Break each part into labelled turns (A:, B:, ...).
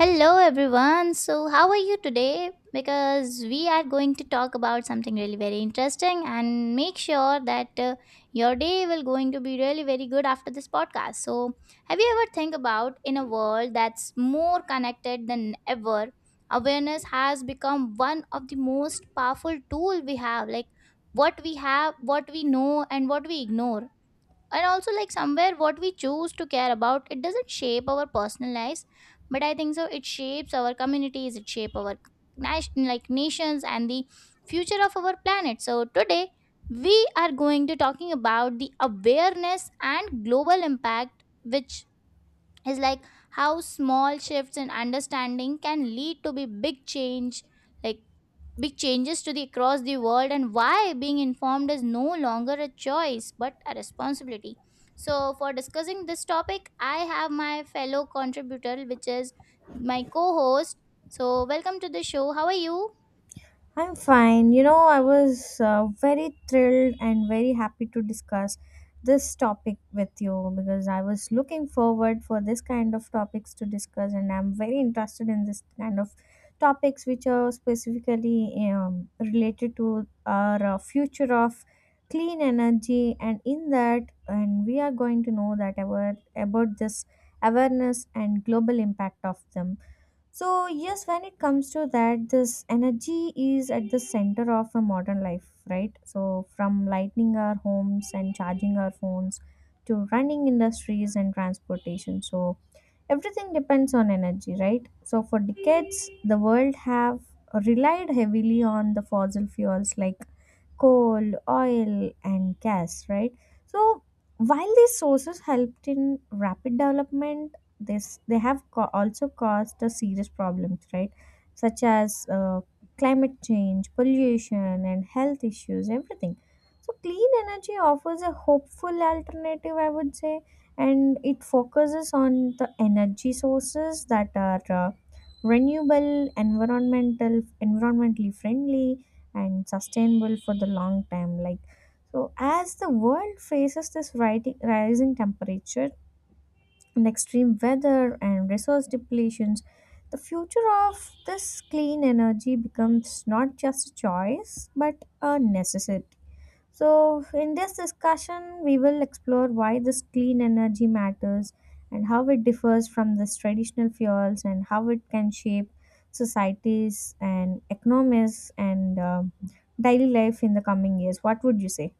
A: Hello everyone. So how are you today? Because we are going to talk about something really very interesting and make sure that your day will going to be really very good after this podcast. So have you ever think about in a world that's more connected than ever, awareness has become one of the most powerful tool we have, like what we have, what we know, and what we ignore, and also like somewhere what we choose to care about it doesn't shape our personal lives, but I think so it shapes our communities, it shape our nation, like nations and the future of our planet. So today we are going to talking about the awareness and global impact, which is like how small shifts in understanding can lead to be big change, like big changes to the across the world, and why being informed is no longer a choice but a responsibility. So for discussing this topic I have my fellow contributor, which is my co-host. So, welcome to the show. How are you?
B: I'm fine. You know, I was very thrilled and very happy to discuss this topic with you because I was looking forward for this kind of topics to discuss and I'm very interested in this kind of topics which are specifically related to our future of clean energy and in that and we are going to know that about this awareness and global impact of them so, yes, when it comes to that, this energy is at the center of a modern life, right? So, from lighting our homes and charging our phones to running industries and transportation. So, everything depends on energy, right? So, for decades, the world have relied heavily on the fossil fuels like coal, oil, and gas, right? So while these sources helped in rapid development, this they have co- also caused the serious problems, right? Such as climate change, pollution, and health issues, everything. So clean energy offers a hopeful alternative, I would say, and it focuses on the energy sources that are renewable, environmentally friendly, and sustainable for the long time, like, so as the world faces this rising temperature and extreme weather and resource depletions, the future of this clean energy becomes not just a choice but a necessity. So, in this discussion, we will explore why this clean energy matters and how it differs from this traditional fuels and how it can shape societies and economies and daily life in the coming years. What would you say?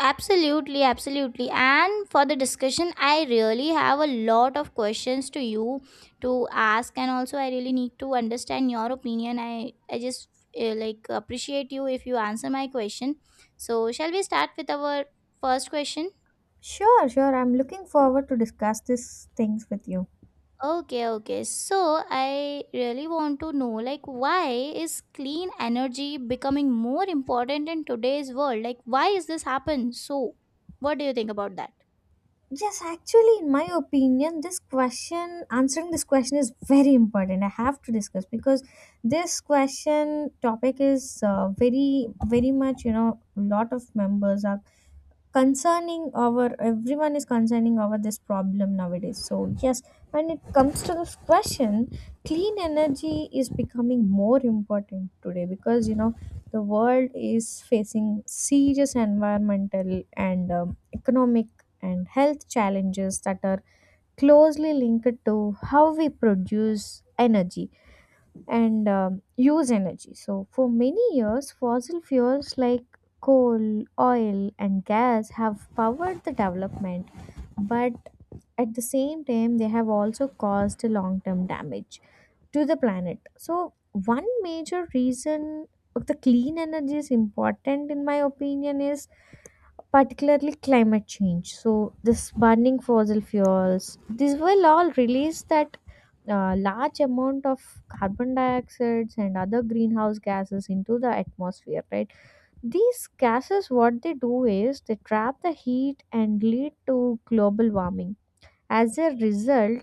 A: Absolutely, absolutely. And for the discussion, I really have a lot of questions to you to ask, and also I really need to understand your opinion. I just like appreciate you if you answer my question. So, shall we start with our first question?
B: Sure, sure. I'm looking forward to discuss these things with you.
A: Okay, okay. So, I really want to know, like why is clean energy becoming more important in today's world? Like why is this happen? So, what do you think about that?
B: Yes, actually, in my opinion, this question, answering this question is very important. I have to discuss because this question topic is very, very much, you know, lot of members are concerning our everyone is concerning over this problem nowadays. So yes, when it comes to this question, clean energy is becoming more important today because, you know, the world is facing serious environmental and economic and health challenges that are closely linked to how we produce energy and use energy. So, for many years, fossil fuels like coal, oil, and gas have powered the development, but at the same time, they have also caused long term damage to the planet. So, one major reason of the clean energy is important, in my opinion, is particularly climate change. So this burning fossil fuels, this will all release that large amount of carbon dioxides and other greenhouse gases into the atmosphere, right? These gases, what they do is they trap the heat and lead to global warming. As a result,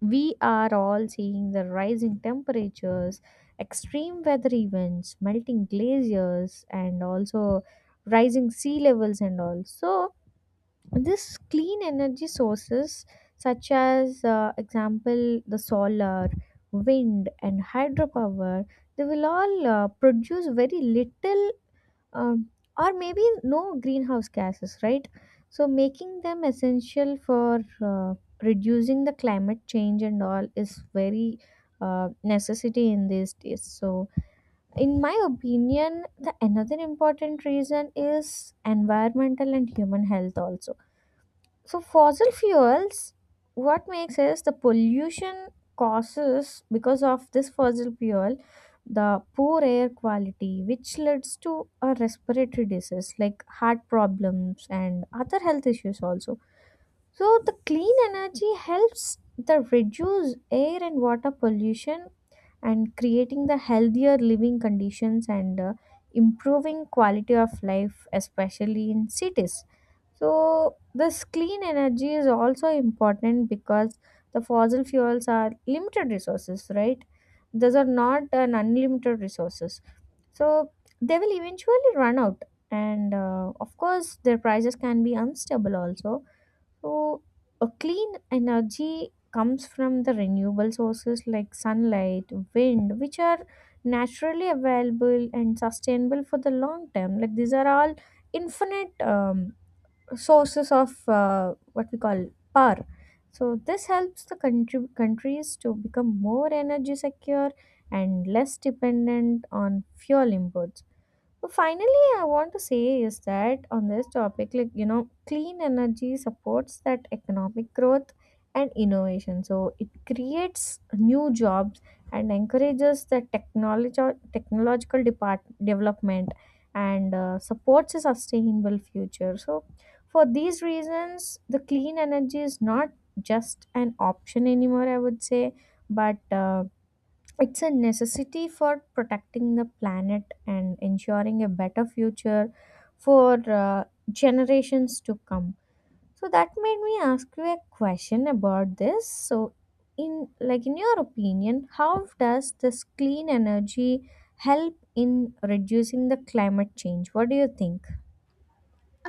B: we are all seeing the rising temperatures, extreme weather events, melting glaciers, and also rising sea levels and all. So, this clean energy sources such as example, the solar, wind, and hydropower, they will all produce very little um, or maybe no greenhouse gases, right? So making them essential for reducing the climate change and all is very necessity in these days. So in my opinion, the another important reason is environmental and human health also. So, fossil fuels, what makes is the pollution causes because of this fossil fuel, the poor air quality, which leads to a respiratory disease like heart problems and other health issues also. So, the clean energy helps the reduce air and water pollution and creating the healthier living conditions and improving quality of life, especially in cities. So this clean energy is also important because the fossil fuels are limited resources, right? Those are not an unlimited resources. So they will eventually run out and of course their prices can be unstable also. So, a clean energy comes from the renewable sources like sunlight, wind, which are naturally available and sustainable for the long term. Like these are all infinite sources of what we call power. So, this helps the countries to become more energy secure and less dependent on fuel imports. Well, finally, I want to say is that on this topic, like, you know, clean energy supports that economic growth and innovation. So it creates new jobs and encourages the technology technological depart development and supports a sustainable future. So for these reasons, the clean energy is not just an option anymore. I would say, but it's a necessity for protecting the planet and ensuring a better future for generations to come. So that made me ask you a question about this. So in, like, in your opinion, how does this clean energy help in reducing the climate change? What do you think?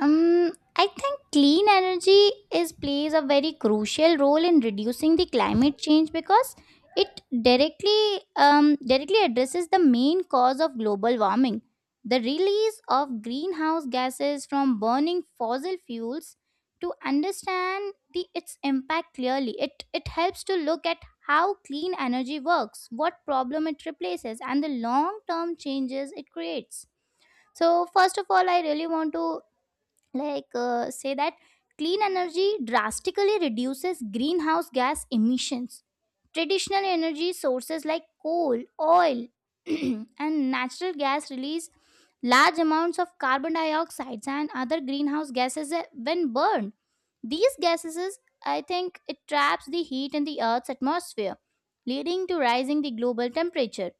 A: I think clean energy is plays a very crucial role in reducing the climate change because it directly directly addresses the main cause of global warming: the release of greenhouse gases from burning fossil fuels. To understand the its impact clearly, it helps to look at how clean energy works, what problem it replaces, and the long term changes it creates. So first of all, I really want to like say that clean energy drastically reduces greenhouse gas emissions. Traditional energy sources like coal, oil and natural gas release large amounts of carbon dioxide and other greenhouse gases when burned. These gases, I think it traps the heat in the earth's atmosphere, leading to rising the global temperature,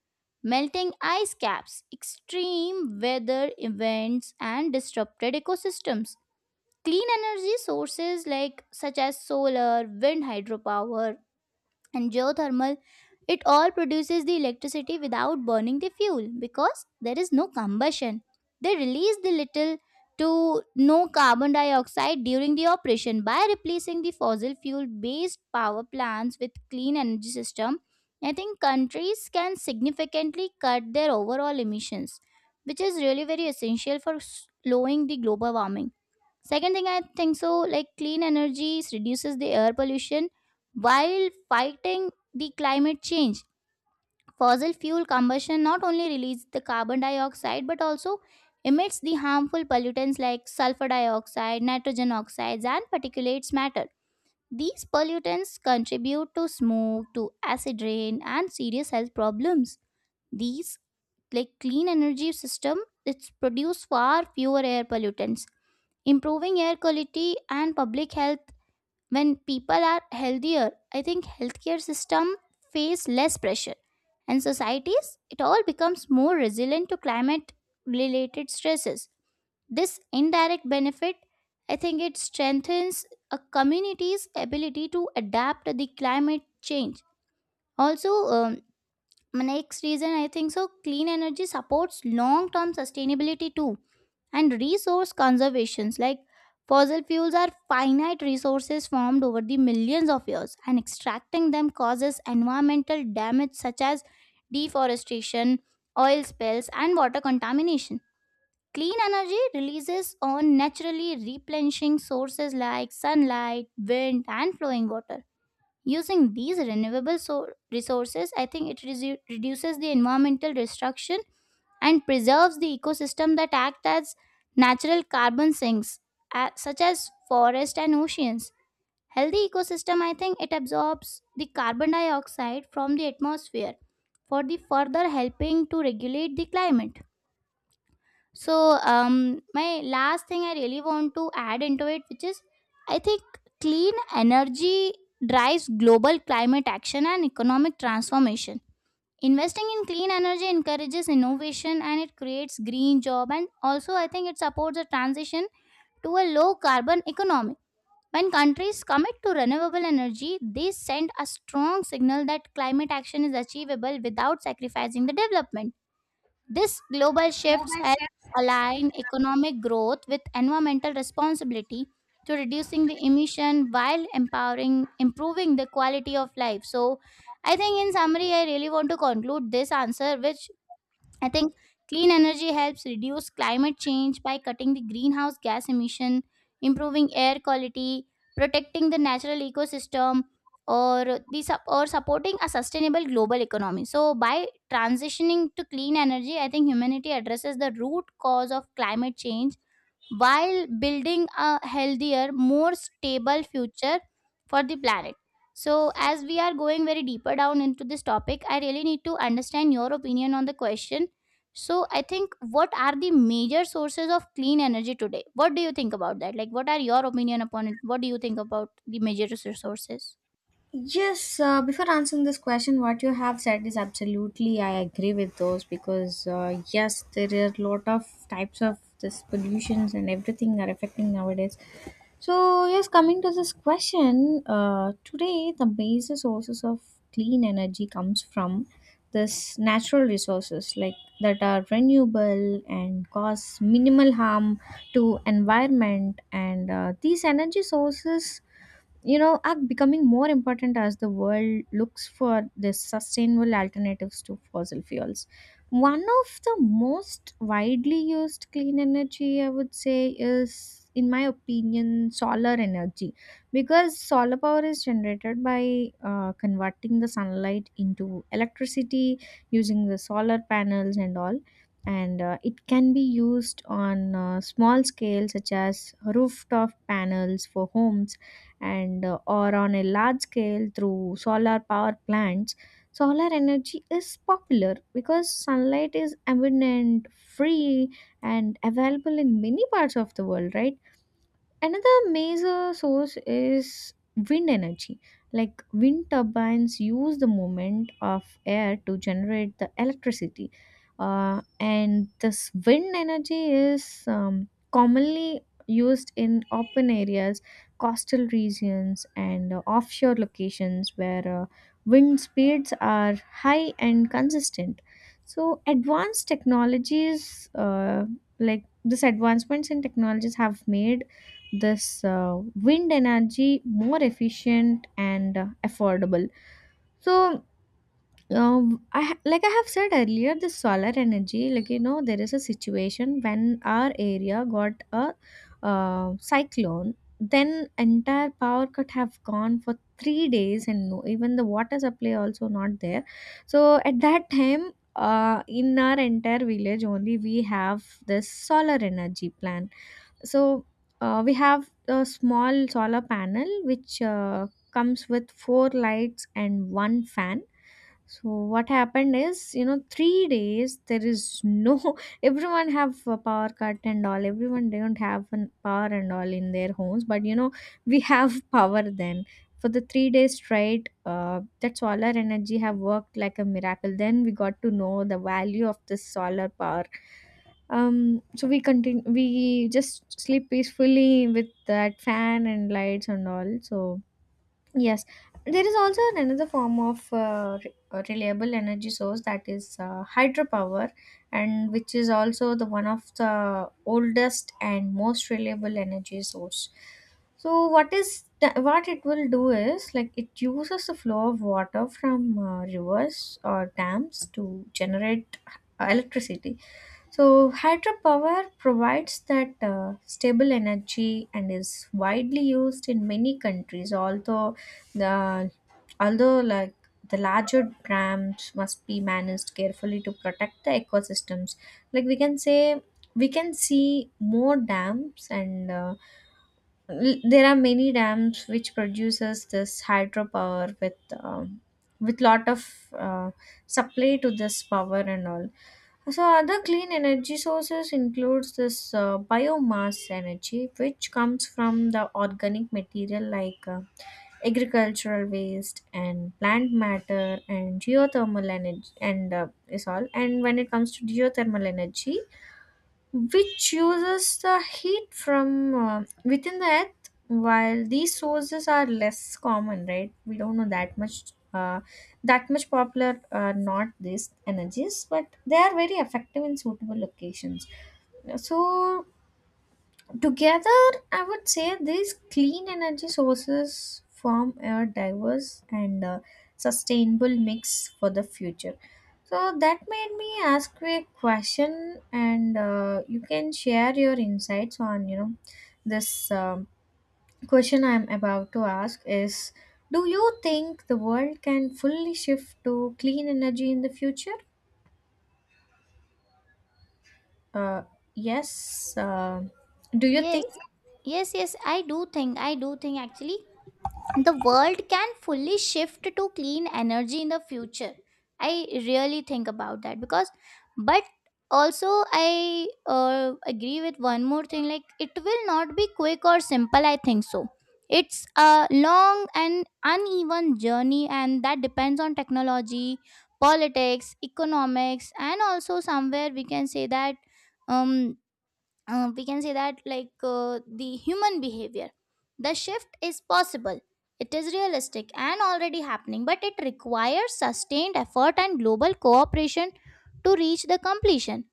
A: melting ice caps, extreme weather events, and disrupted ecosystems. Clean energy sources like such as solar, wind, hydropower, and geothermal, it all produces the electricity without burning the fuel because there is no combustion. They release the little to no carbon dioxide during the operation. By replacing the fossil fuel based power plants with clean energy system, I think countries can significantly cut their overall emissions, which is really very essential for slowing the global warming. Second thing I think so, like clean energies reduces the air pollution while fighting the climate change. Fossil fuel combustion not only releases the carbon dioxide but also emits the harmful pollutants like sulfur dioxide, nitrogen oxides, and particulates matter. These pollutants contribute to smoke, to acid rain, and serious health problems. These like clean energy system, it's produce far fewer air pollutants, improving air quality and public health. When people are healthier, I think healthcare system face less pressure, and societies it all becomes more resilient to climate related stresses. This indirect benefit, I think it strengthens a community's ability to adapt to the climate change. Also, my next reason, I think so clean energy supports long term sustainability too and resource conservations, like fossil fuels are finite resources formed over the millions of years, and extracting them causes environmental damage such as deforestation, oil spills, and water contamination. Clean energy releases on naturally replenishing sources like sunlight, wind, and flowing water. Using these resources, I think reduces the environmental destruction and preserves the ecosystem that act as natural carbon sinks, such as forests and oceans. Healthy ecosystem, I think, it absorbs the carbon dioxide from the atmosphere for the further helping to regulate the climate. So, um, my last thing I really want to add into it, which is, I think, clean energy drives global climate action and economic transformation. Investing in clean energy encourages innovation, and it creates green job, and also I think it supports a transition to a low carbon economy. When countries commit to renewable energy, they send a strong signal that climate action is achievable without sacrificing the development. This global shifts has aligned economic growth with environmental responsibility to reducing the emission while empowering improving the quality of life. So I think in summary I really want to conclude this answer, which I think clean energy helps reduce climate change by cutting the greenhouse gas emission, improving air quality, protecting the natural ecosystem, or or supporting a sustainable global economy. So by transitioning to clean energy, I think humanity addresses the root cause of climate change while building a healthier, more stable future for the planet. So, as we are going very deeper down into this topic, I really need to understand your opinion on the question. So, I think what are the major sources of clean energy today? What do you think about that? Like, what are your opinion upon it? What do you think about the major sources?
B: Yes, before answering this question, what you have said is absolutely, I agree with those because, yes, there are a lot of types of this pollutions and everything are affecting nowadays. So, yes, coming to this question, today the major sources of clean energy comes from this natural resources like that are renewable and cause minimal harm to environment and these energy sources, you know, are becoming more important as the world looks for the sustainable alternatives to fossil fuels. One of the most widely used clean energy, I would say, is in my opinion solar energy, because solar power is generated by converting the sunlight into electricity using the solar panels and all, and it can be used on small scale such as rooftop panels for homes and or on a large scale through solar power plants. Solar energy is popular because sunlight is abundant, free, and available in many parts of the world, right? Another major source is wind energy. Like wind turbines use the movement of air to generate the electricity, and this wind energy is commonly used in open areas, coastal regions, and offshore locations where wind speeds are high and consistent. So, advanced technologies like this advancements in technologies have made this wind energy more efficient and affordable. So I ha- like I have said earlier, the solar energy, like, you know, there is a situation when our area got a cyclone, then entire power cut have gone for 3 days, and no, even the water supply also not there. So at that time, in our entire village only we have this solar energy plan. So we have a small solar panel which comes with four lights and one fan. So what happened is, you know, 3 days there is no everyone have a power cut and all. Everyone don't have an power and all in their homes, but you know we have power then for the 3 days straight. That solar energy have worked like a miracle. Then we got to know the value of this solar power. So we continue. We just sleep peacefully with that fan and lights and all. So yes, there is also another form of reliable energy source, that is hydropower, and which is also the one of the oldest and most reliable energy source. So, what it will do is like it uses the flow of water from rivers or dams to generate electricity. So, hydropower provides that stable energy and is widely used in many countries. The although the larger dams must be managed carefully to protect the ecosystems. Like we can say, we can see more dams, and there are many dams which produces this hydropower with lot of uh, supply to this power and all. So other clean energy sources includes this biomass energy, which comes from the organic material like agricultural waste and plant matter, and geothermal energy and is all. And when it comes to geothermal energy, which uses the heat from within the earth, while these sources are less common, right, we don't know that much popular are not these energies, but they are very effective in suitable locations. So together, I would say these clean energy sources form a diverse and sustainable mix for the future. So that made me ask you a question, and you can share your insights on, you know, this question I'm about to ask is: Do you think the world can fully shift to clean energy in the future? Uh, yes. Do you
A: Yes,
B: think?
A: yes, yes. I do think. I do think actually. The world can fully shift to clean energy in the future, I really think about that. Because, but also I agree with one more thing, like it will not be quick or simple, I think so. It's a long and uneven journey, and that depends on technology, politics, economics, and also somewhere we can say that um we can say that like the human behavior. The shift is possible, it is realistic and already happening, but it requires sustained effort and global cooperation to reach the completion.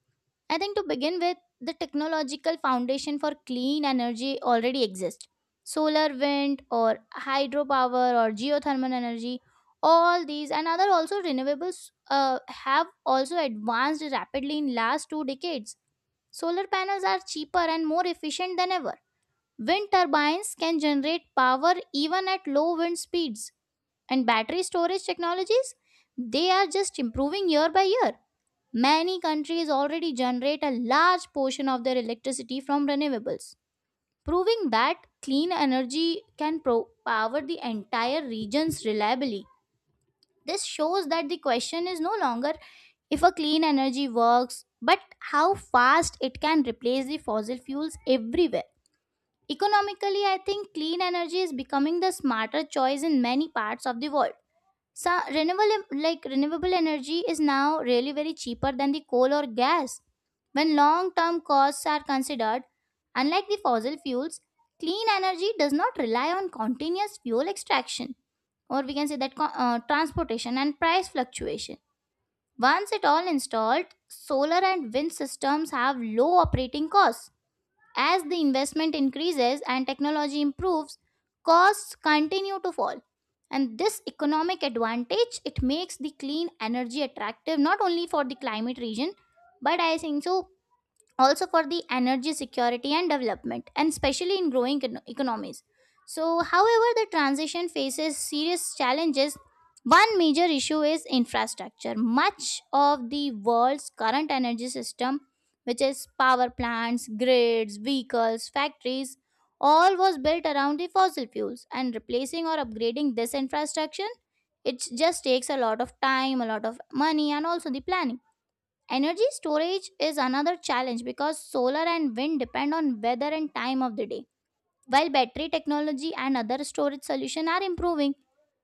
A: I think to begin with, the technological foundation for clean energy already exists. Solar, wind, or hydropower, or geothermal energy, all these and other also renewables have also advanced rapidly in last 2 decades. Solar panels are cheaper and more efficient than ever. Wind turbines can generate power even at low wind speeds. And battery storage technologies, they are just improving year by year. Many countries already generate a large portion of their electricity from renewables, proving that clean energy can power the entire regions reliably. This shows that the question is no longer if a clean energy works, but how fast it can replace the fossil fuels everywhere. Economically, I think clean energy is becoming the smarter choice in many parts of the world. So renewable like renewable energy is now really very cheaper than the coal or gas. When long term costs are considered, unlike the fossil fuels, clean energy does not rely on continuous fuel extraction, or we can say that transportation and price fluctuation. Once it all installed, solar and wind systems have low operating costs. As the investment increases and technology improves, costs continue to fall. And this economic advantage, it makes the clean energy attractive not only for the climate region, but I think so also for the energy security and development, and especially in growing economies. So however, the transition faces serious challenges. One major issue is infrastructure. Much of the world's current energy system, which is power plants, grids, vehicles, factories, all was built around the fossil fuels, and replacing or upgrading this infrastructure, it just takes a lot of time, a lot of money, and also the planning. Energy storage is another challenge because solar and wind depend on weather and time of the day. While battery technology and other storage solutions are improving,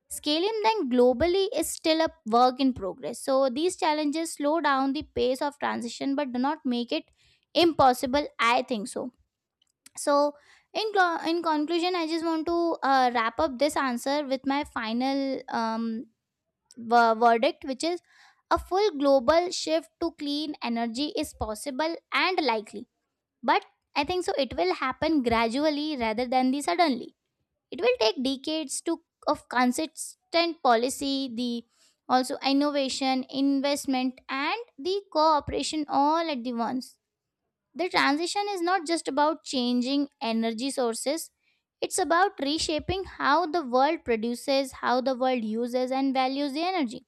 A: scaling them globally is still a work in progress. So these challenges slow down the pace of transition but do not make it impossible, I think so. So in conclusion, I just want to wrap up this answer with my final verdict, which is a full global shift to clean energy is possible and likely. But I think so it will happen gradually rather than the suddenly. It will take decades to of consistent policy, the also innovation, investment, and the cooperation all at the once. The transition is not just about changing energy sources, it's about reshaping how the world produces, how the world uses, and values the energy.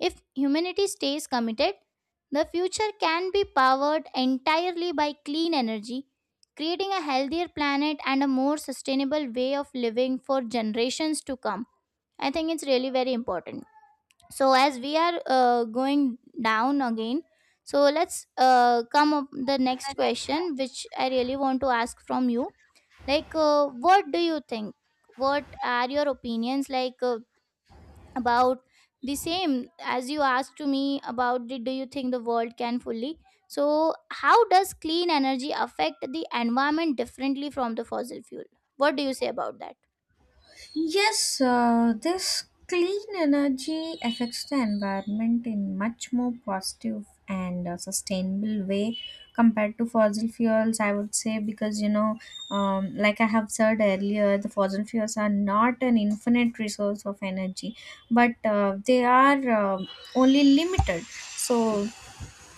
A: If humanity stays committed, the future can be powered entirely by clean energy, creating a healthier planet and a more sustainable way of living for generations to come. I think it's really very important. So, as we are going down again, so let's come up the next question, which I really want to ask from you. Like, what do you think? What are your opinions? About the same as you asked to me about the, do you think the world can fully, so how does clean energy affect the environment differently from the fossil fuel, what do you say about that?
B: Yes, this clean energy affects the environment in much more positive and sustainable way compared to fossil fuels, I would say, because you know, like I have said earlier, the fossil fuels are not an infinite resource of energy, but they are only limited. So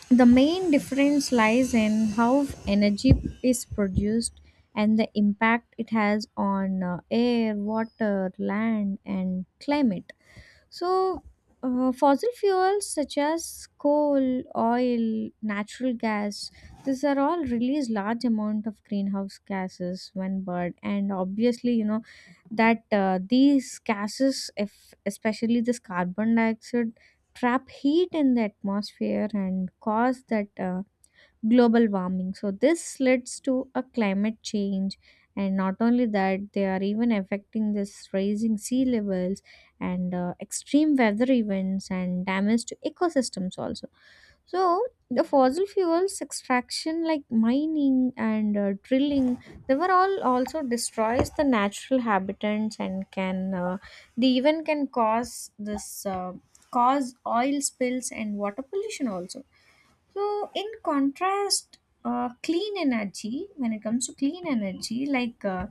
B: the main difference lies in how energy is produced and the impact it has on air, water, land, and climate. So, fossil fuels such as coal, oil, natural gas, these are all release large amount of greenhouse gases when burned, and obviously, you know that these gases, if especially this carbon dioxide, trap heat in the atmosphere and cause that global warming. So this leads to a climate change, and not only that, they are even affecting this raising sea levels and extreme weather events and damage to ecosystems also. So the fossil fuels extraction like mining and drilling, they were all also destroys the natural habitats and can they even can cause this cause oil spills and water pollution also. So, in contrast, clean energy, when it comes to clean energy like uh,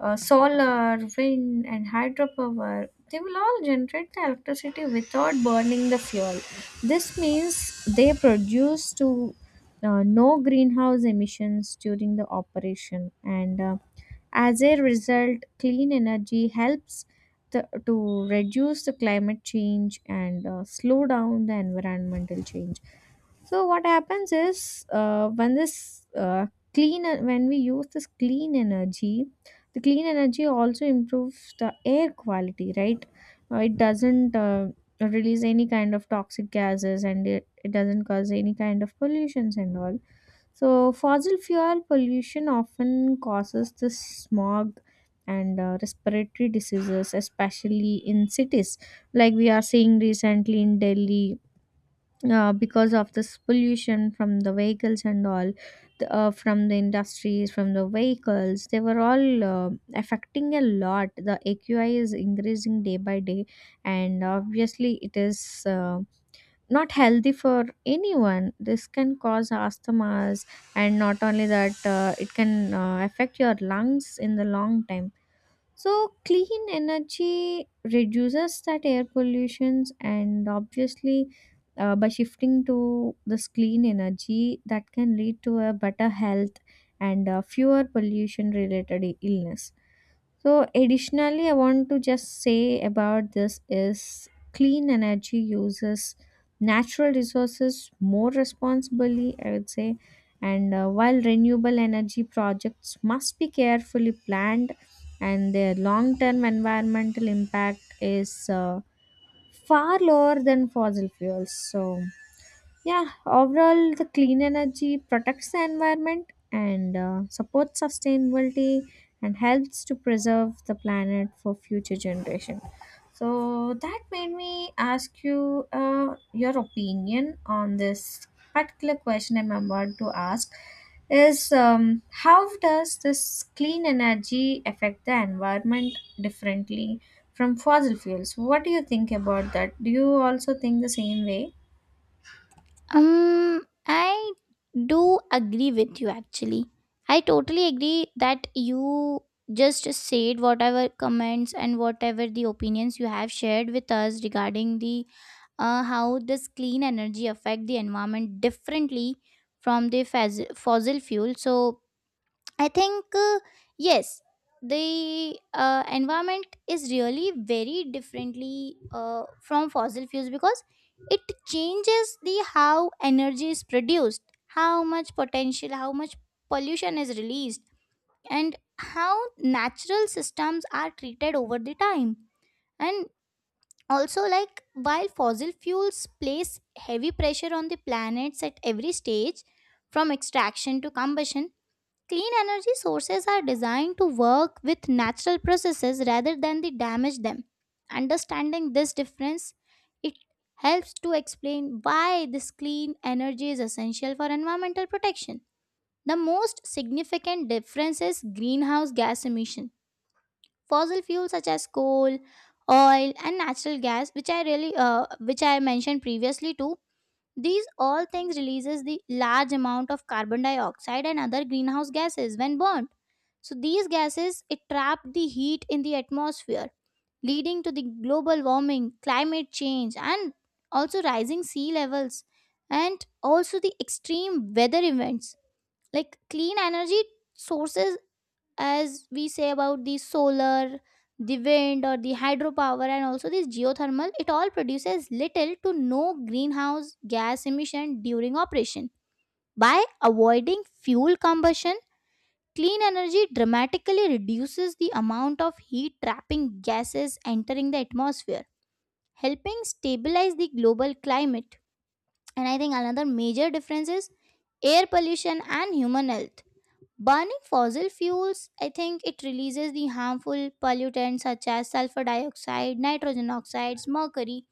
B: uh, solar, wind, and hydropower, they will all generate the electricity without burning the fuel. This means they produce to no greenhouse emissions during the operation, and as a result, clean energy helps to reduce the climate change and slow down the environmental change. So what happens is when we use this clean energy, the clean energy also improves the air quality, right? It doesn't release any kind of toxic gases, and it doesn't cause any kind of pollutions and all. So fossil fuel pollution often causes this smog and respiratory diseases, especially in cities, like we are seeing recently in Delhi, because of this pollution from the vehicles and all, from the industries, from the vehicles, they were all affecting a lot. The AQI is increasing day by day, and obviously it is not healthy for anyone. This can cause asthmas, and not only that, it can affect your lungs in the long time. So clean energy reduces that air pollutions, and obviously, by shifting to this clean energy, that can lead to a better health and fewer pollution related illness. So additionally, I want to just say about this is clean energy uses natural resources more responsibly, I would say. And while renewable energy projects must be carefully planned, and their long-term environmental impact is far lower than fossil fuels. So yeah, overall the clean energy protects the environment and supports sustainability and helps to preserve the planet for future generation. So that made me ask you your opinion on this particular question I'm about to ask is how does this clean energy affect the environment differently from fossil fuels? What do you think about that? Do you also think the same way?
A: um I do agree with you actually. I totally agree that you just said whatever comments and whatever the opinions you have shared with us regarding the how does clean energy affect the environment differently from the fossil fuel. So I think yes, the environment is really very differently from fossil fuels, because it changes the how energy is produced, how much potential, how much pollution is released, and how natural systems are treated over the time. And also, like, while fossil fuels place heavy pressure on the planets at every stage from extraction to combustion, clean energy sources are designed to work with natural processes rather than the damage them. Understanding this difference, it helps to explain why this clean energy is essential for environmental protection. The most significant difference is greenhouse gas emission. Fossil fuels such as coal, oil and natural gas, which I really which I mentioned previously too, these all things releases the large amount of carbon dioxide and other greenhouse gases when burned. So these gases, it trap the heat in the atmosphere, leading to the global warming, climate change, and also rising sea levels, and also the extreme weather events. Like, clean energy sources, as we say about the solar, the wind or the hydropower, and also this geothermal, it all produces little to no greenhouse gas emission during operation. By avoiding fuel combustion, clean energy dramatically reduces the amount of heat trapping gases entering the atmosphere, helping stabilize the global climate. And I think another major difference is air pollution and human health. Burning fossil fuels, I think it releases the harmful pollutants such as sulfur dioxide, nitrogen oxides, mercury,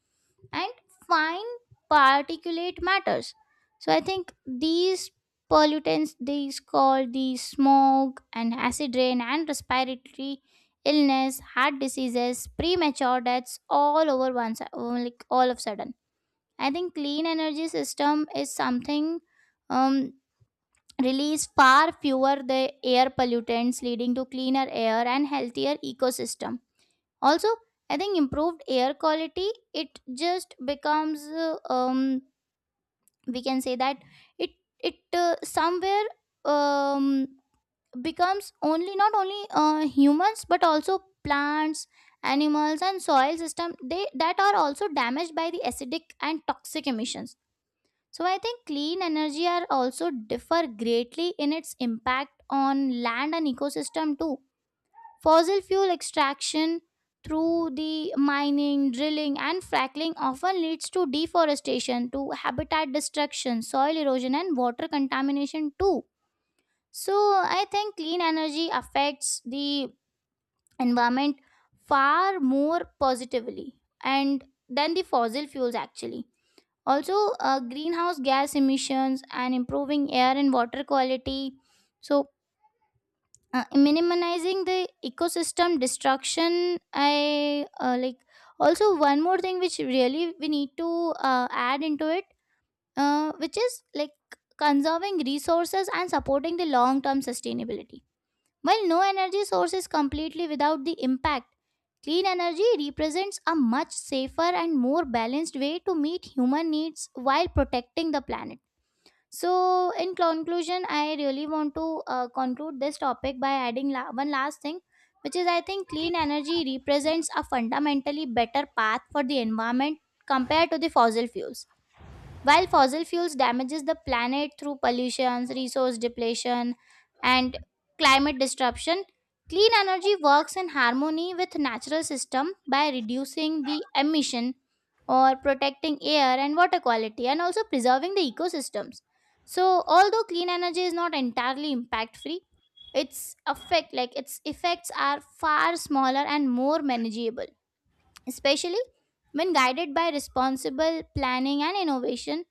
A: and fine particulate matters. So I think these pollutants, these called the smog and acid rain and respiratory illness, heart diseases, premature deaths, all over once, like all of sudden. I think clean energy system is something. Um, release far fewer the air pollutants, leading to cleaner air and healthier ecosystem. Also, I think improved air quality, it just becomes we can say that it it somewhere um becomes only not only humans but also plants, animals and soil system, they that are also damaged by the acidic and toxic emissions. So I think clean energy are also differ greatly in its impact on land and ecosystem too. Fossil fuel extraction through the mining, drilling and fracking often leads to deforestation, to habitat destruction, soil erosion and water contamination too. So I think clean energy affects the environment far more positively and than the fossil fuels actually. Also, greenhouse gas emissions and improving air and water quality, so minimizing the ecosystem destruction. I like, also one more thing which really we need to add into it, which is like conserving resources and supporting the long term sustainability. While no energy source is completely without the impact, clean energy represents a much safer and more balanced way to meet human needs while protecting the planet. So, in conclusion, I really want to conclude this topic by adding one last thing, which is I think clean energy represents a fundamentally better path for the environment compared to the fossil fuels. While fossil fuels damages the planet through pollution, resource depletion, and climate disruption, clean energy works in harmony with natural system by reducing the emission or protecting air and water quality and also preserving the ecosystems. So although clean energy is not entirely impact free, its effect, like its effects are far smaller and more manageable, especially when guided by responsible planning and innovation,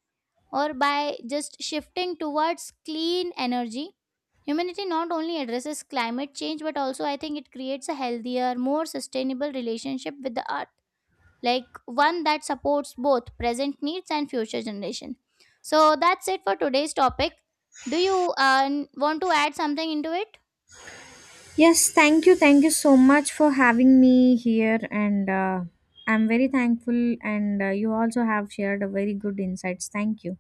A: or by just shifting towards clean energy, humanity not only addresses climate change but also I think it creates a healthier, more sustainable relationship with the earth, like one that supports both present needs and future generation. So that's it for today's topic. Do you want to add something into it?
B: Yes, thank you. Thank you so much for having me here. And I'm very thankful. And you also have shared a very good insights. Thank you.